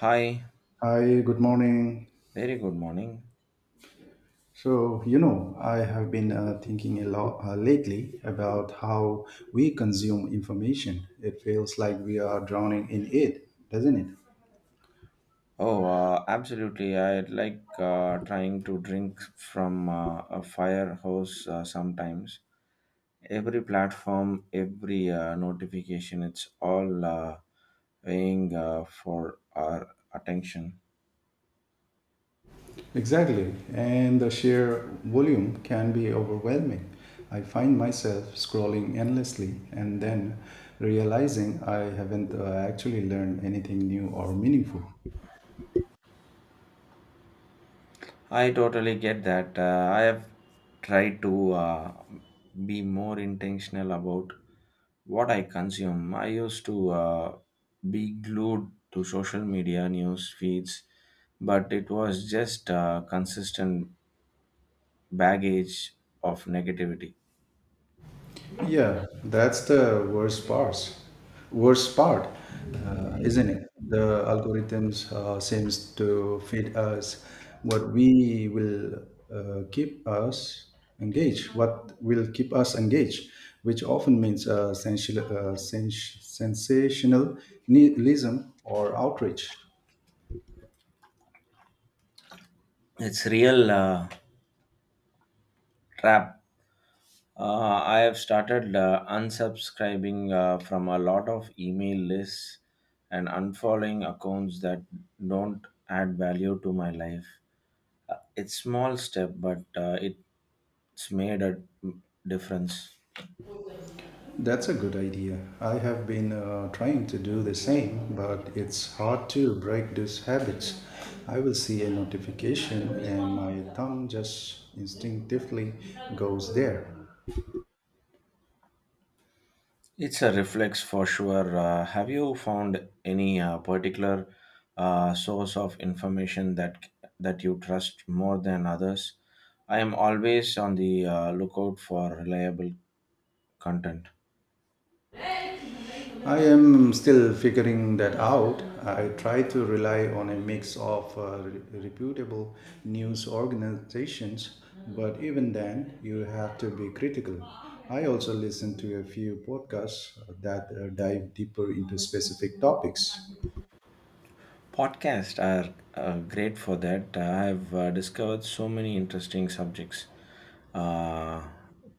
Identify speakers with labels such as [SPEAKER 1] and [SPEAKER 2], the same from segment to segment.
[SPEAKER 1] Hi,
[SPEAKER 2] Hi, good morning.
[SPEAKER 1] very good morning.
[SPEAKER 2] So, I have been thinking a lot lately about how we consume information. It feels like we are drowning in it, doesn't it?
[SPEAKER 1] Oh, absolutely. I like trying to drink from a fire hose sometimes. Every platform, every notification, it's all weighing for our attention.
[SPEAKER 2] Exactly. And the sheer volume can be overwhelming. I find myself scrolling endlessly and then realizing I haven't actually learned anything new or meaningful.
[SPEAKER 1] I totally get that. I have tried to be more intentional about what I consume. I used to be glued to social media news feeds, but it was just consistent baggage of negativity.
[SPEAKER 2] Yeah, that's the worst part. Worst part, isn't it? The algorithms seems to feed us what we will keep us engaged, which often means sensationalism or outrage.
[SPEAKER 1] It's real trap. I have started unsubscribing from a lot of email lists and unfollowing accounts that don't add value to my life. It's small step, but it's made a difference.
[SPEAKER 2] That's a good idea. I have been trying to do the same, but it's hard to break these habits. I will see a notification and my thumb just instinctively goes there.
[SPEAKER 1] It's a reflex for sure. Have you found any particular source of information that you trust more than others? I am always on the lookout for reliable content.
[SPEAKER 2] I am still figuring that out. I try to rely on a mix of reputable news organizations, but even then, you have to be critical. I also listen to a few podcasts that dive deeper into specific topics.
[SPEAKER 1] Podcasts are great for that. I have discovered so many interesting subjects uh,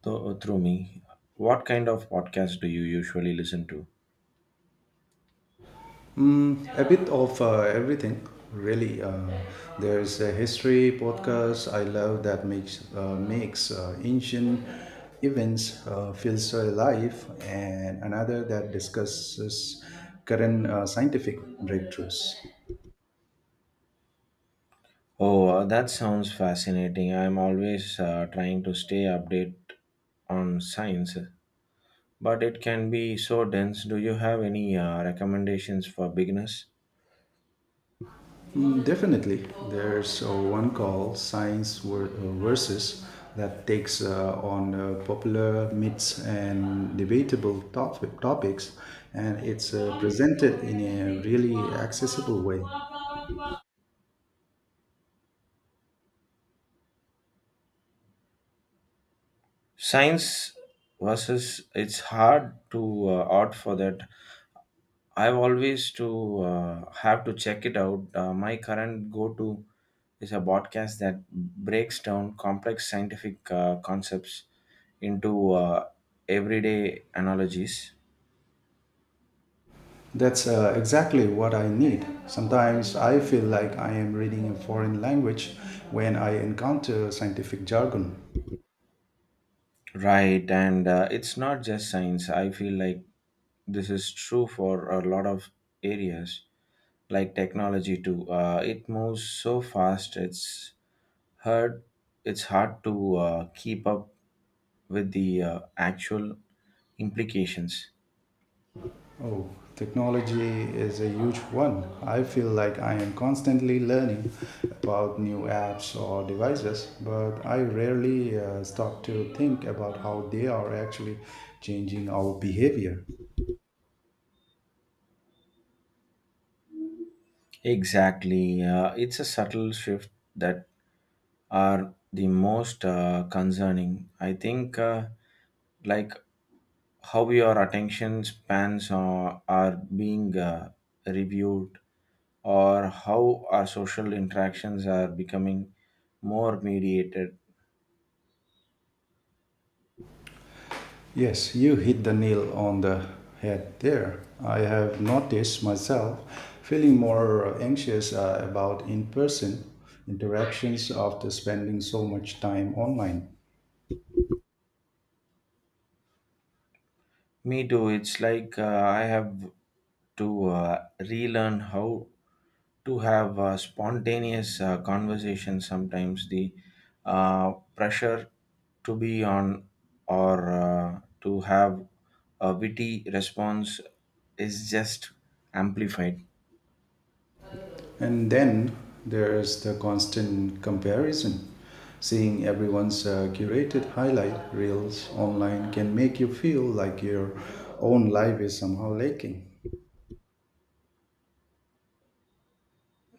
[SPEAKER 1] through me. What kind of podcast do you usually listen to?
[SPEAKER 2] A bit of everything, really. There's a history podcast. I love that makes ancient events feel so alive, and another that discusses current scientific breakthroughs.
[SPEAKER 1] Oh, that sounds fascinating. I'm always trying to stay update on science, but it can be so dense. Do you have any recommendations for beginners?
[SPEAKER 2] Definitely. There's one called Science Versus that takes on popular myths and topics, and it's presented in a really accessible way.
[SPEAKER 1] Science versus, it's hard to opt for that. I've always to have to check it out. My current go-to is a podcast that breaks down complex scientific concepts into everyday analogies.
[SPEAKER 2] That's exactly what I need. Sometimes I feel like I am reading a foreign language when I encounter scientific jargon.
[SPEAKER 1] Right, and it's not just science. I feel like this is true for a lot of areas, like technology too. It moves so fast; it's hard. It's hard to keep up with the actual implications.
[SPEAKER 2] Oh, technology is a huge one. I feel like I am constantly learning about new apps or devices, but I rarely stop to think about how they are actually changing our behavior.
[SPEAKER 1] Exactly. It's a subtle shift that are the most concerning. I think, like how your attention spans are being reviewed, or how our social interactions are becoming more mediated.
[SPEAKER 2] Yes, you hit the nail on the head there. I have noticed myself feeling more anxious about in person interactions after spending so much time online.
[SPEAKER 1] Me too. It's like I have to relearn how to have a spontaneous conversation sometimes. The pressure to be on or to have a witty response is just amplified.
[SPEAKER 2] And then there's the constant comparison. Seeing everyone's curated highlight reels online can make you feel like your own life is somehow lacking.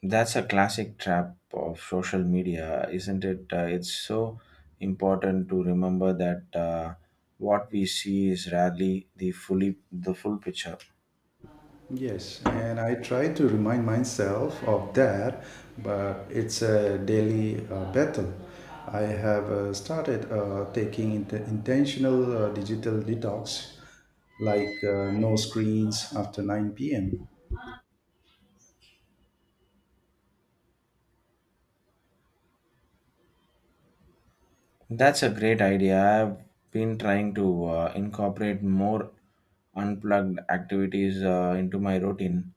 [SPEAKER 1] That's a classic trap of social media, isn't it? It's so important to remember that what we see is rarely the full picture.
[SPEAKER 2] Yes, and I try to remind myself of that, but it's a daily battle. I have started taking intentional digital detox, like no screens after 9 p.m.
[SPEAKER 1] That's a great idea. I've been trying to incorporate more unplugged activities into my routine.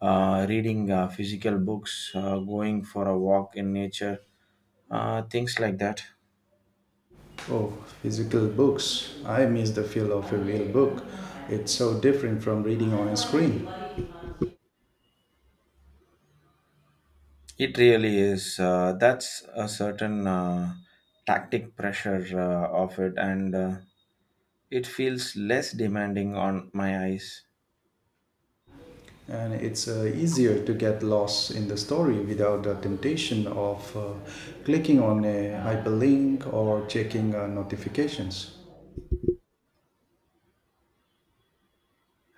[SPEAKER 1] Reading physical books, going for a walk in nature, things like that.
[SPEAKER 2] Oh, physical books. I miss the feel of a real book. It's so different from reading on a screen.
[SPEAKER 1] It really is. That's a certain tactic pressure of it, and it feels less demanding on my eyes.
[SPEAKER 2] And it's easier to get lost in the story without the temptation of clicking on a hyperlink or checking notifications.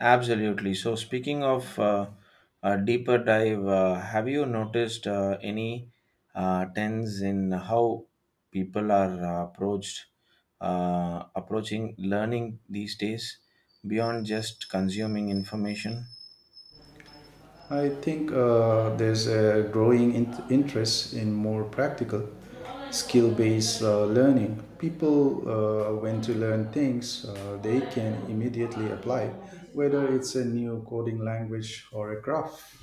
[SPEAKER 1] Absolutely. So, speaking of a deeper dive, have you noticed any trends in how people are approached approaching learning these days beyond just consuming information?
[SPEAKER 2] I think there's a growing interest in more practical, skill based learning. People, when to learn things, they can immediately apply, whether it's a new coding language or a craft.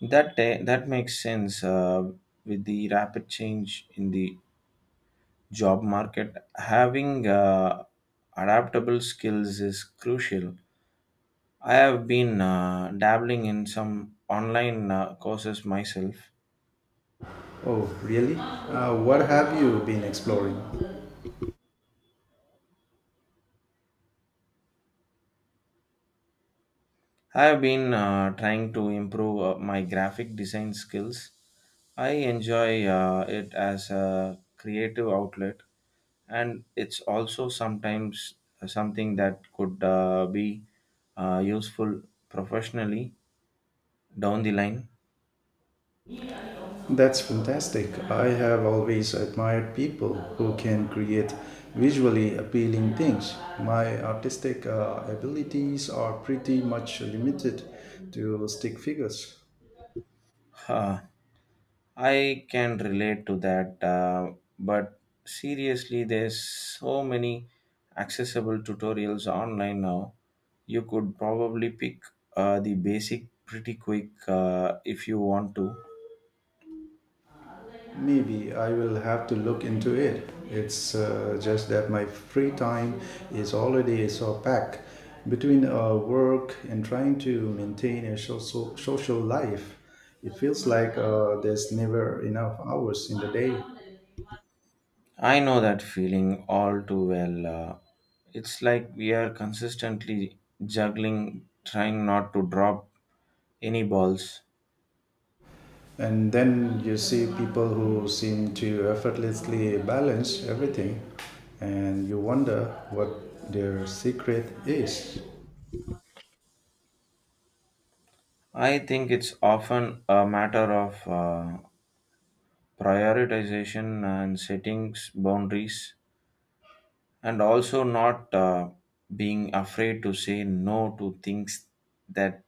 [SPEAKER 1] That makes sense with the rapid change in the job market. Having adaptable skills is crucial. I have been dabbling in some online courses myself.
[SPEAKER 2] Oh, really? What have you been exploring?
[SPEAKER 1] I have been trying to improve my graphic design skills. I enjoy it as a creative outlet, and it's also sometimes something that could be useful professionally down the line.
[SPEAKER 2] That's fantastic. I have always admired people who can create visually appealing things. My artistic abilities are pretty much limited to stick figures.
[SPEAKER 1] I can relate to that, but seriously, there's so many accessible tutorials online now. You could probably pick the basic pretty quick if you want to.
[SPEAKER 2] Maybe I will have to look into it. It's just that my free time is already so packed between work and trying to maintain a social life. It feels like there's never enough hours in the day.
[SPEAKER 1] I know that feeling all too well. It's like we are consistently juggling, trying not to drop any balls.
[SPEAKER 2] And then you see people who seem to effortlessly balance everything, and you wonder what their secret is.
[SPEAKER 1] I think it's often a matter of prioritization and settings boundaries, and also not being afraid to say no to things that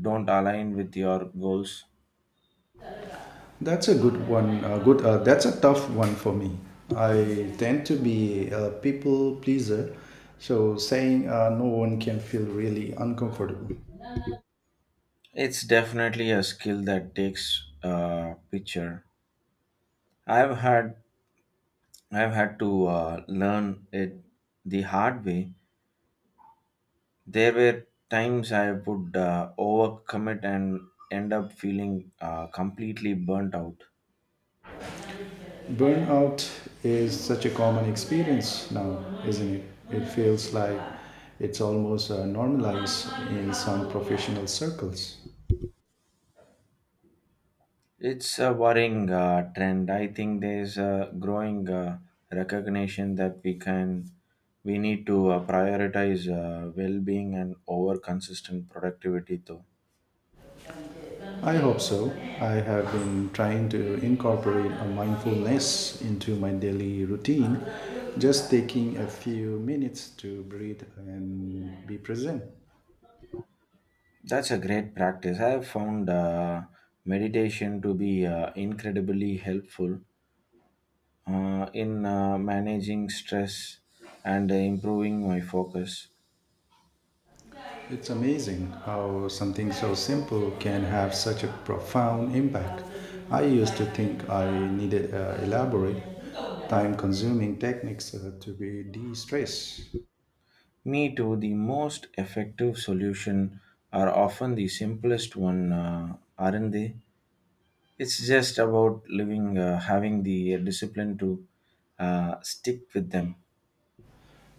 [SPEAKER 1] don't align with your goals.
[SPEAKER 2] That's a good one. Good. That's a tough one for me. I tend to be a people pleaser, so saying no one can feel really uncomfortable.
[SPEAKER 1] It's definitely a skill that takes a picture. i've had I've had to learn it the hard way. There were times I would overcommit and end up feeling completely burnt out.
[SPEAKER 2] Burnout is such a common experience now, isn't it? It feels like it's almost normalized in some professional circles.
[SPEAKER 1] It's a worrying trend. I think there's a growing recognition that we need to prioritize well-being and over consistent productivity though.
[SPEAKER 2] I hope so. I have been trying to incorporate a mindfulness into my daily routine, just taking a few minutes to breathe and be present.
[SPEAKER 1] That's a great practice. I have found meditation to be incredibly helpful in managing stress and improving my focus.
[SPEAKER 2] It's amazing how something so simple can have such a profound impact. I used to think I needed elaborate, time consuming techniques to be de stressed.
[SPEAKER 1] Me too, the most effective solution are often the simplest one, aren't they? It's just about living, having the discipline to stick with them.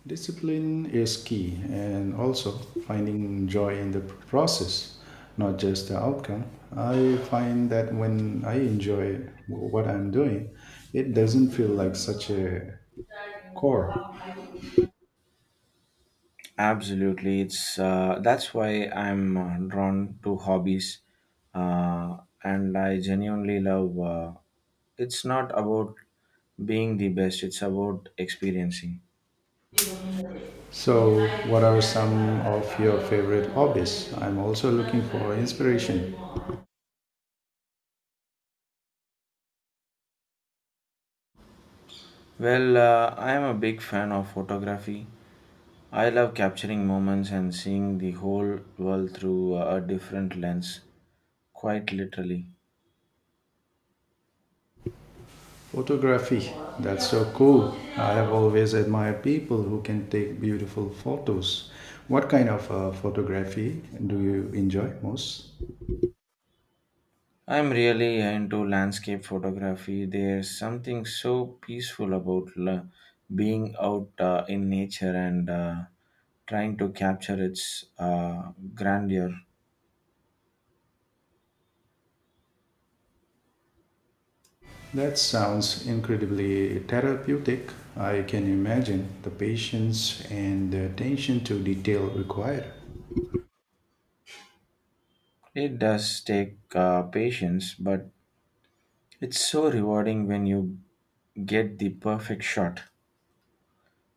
[SPEAKER 2] Discipline is key and also finding joy in the process, not just the outcome. I find that when I enjoy what I'm doing, it doesn't feel like such a chore.
[SPEAKER 1] Absolutely, it's that's why I'm drawn to hobbies, uh, and I genuinely love. It's not about being the best; it's about experiencing.
[SPEAKER 2] So, what are some of your favorite hobbies? I'm also looking for inspiration.
[SPEAKER 1] Well, I am a big fan of photography. I love capturing moments and seeing the whole world through a different lens, quite literally.
[SPEAKER 2] Photography, that's so cool. I have always admired people who can take beautiful photos. What kind of photography do you enjoy most?
[SPEAKER 1] I'm really into landscape photography. There's something so peaceful about being out in nature and trying to capture its grandeur.
[SPEAKER 2] That sounds incredibly therapeutic. I can imagine the patience and the attention to detail required.
[SPEAKER 1] It does take patience, but it's so rewarding when you get the perfect shot,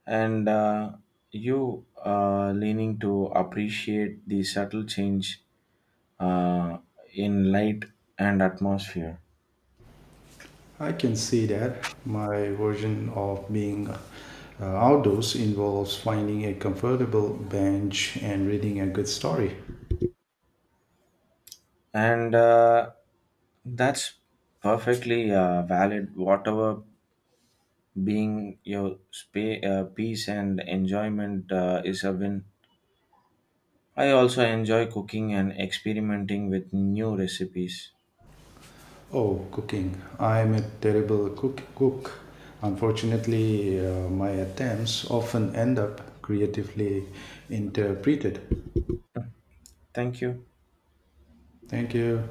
[SPEAKER 1] and you leaning to appreciate the subtle change uh, in light and atmosphere.
[SPEAKER 2] I can see that my version of being outdoors involves finding a comfortable bench and reading a good story.
[SPEAKER 1] And That's perfectly valid. Whatever being your peace and enjoyment is a win. I also enjoy cooking and experimenting with new recipes.
[SPEAKER 2] Oh, cooking. I'm a terrible cook. Unfortunately, my attempts often end up creatively interpreted.
[SPEAKER 1] Thank you.
[SPEAKER 2] Thank you.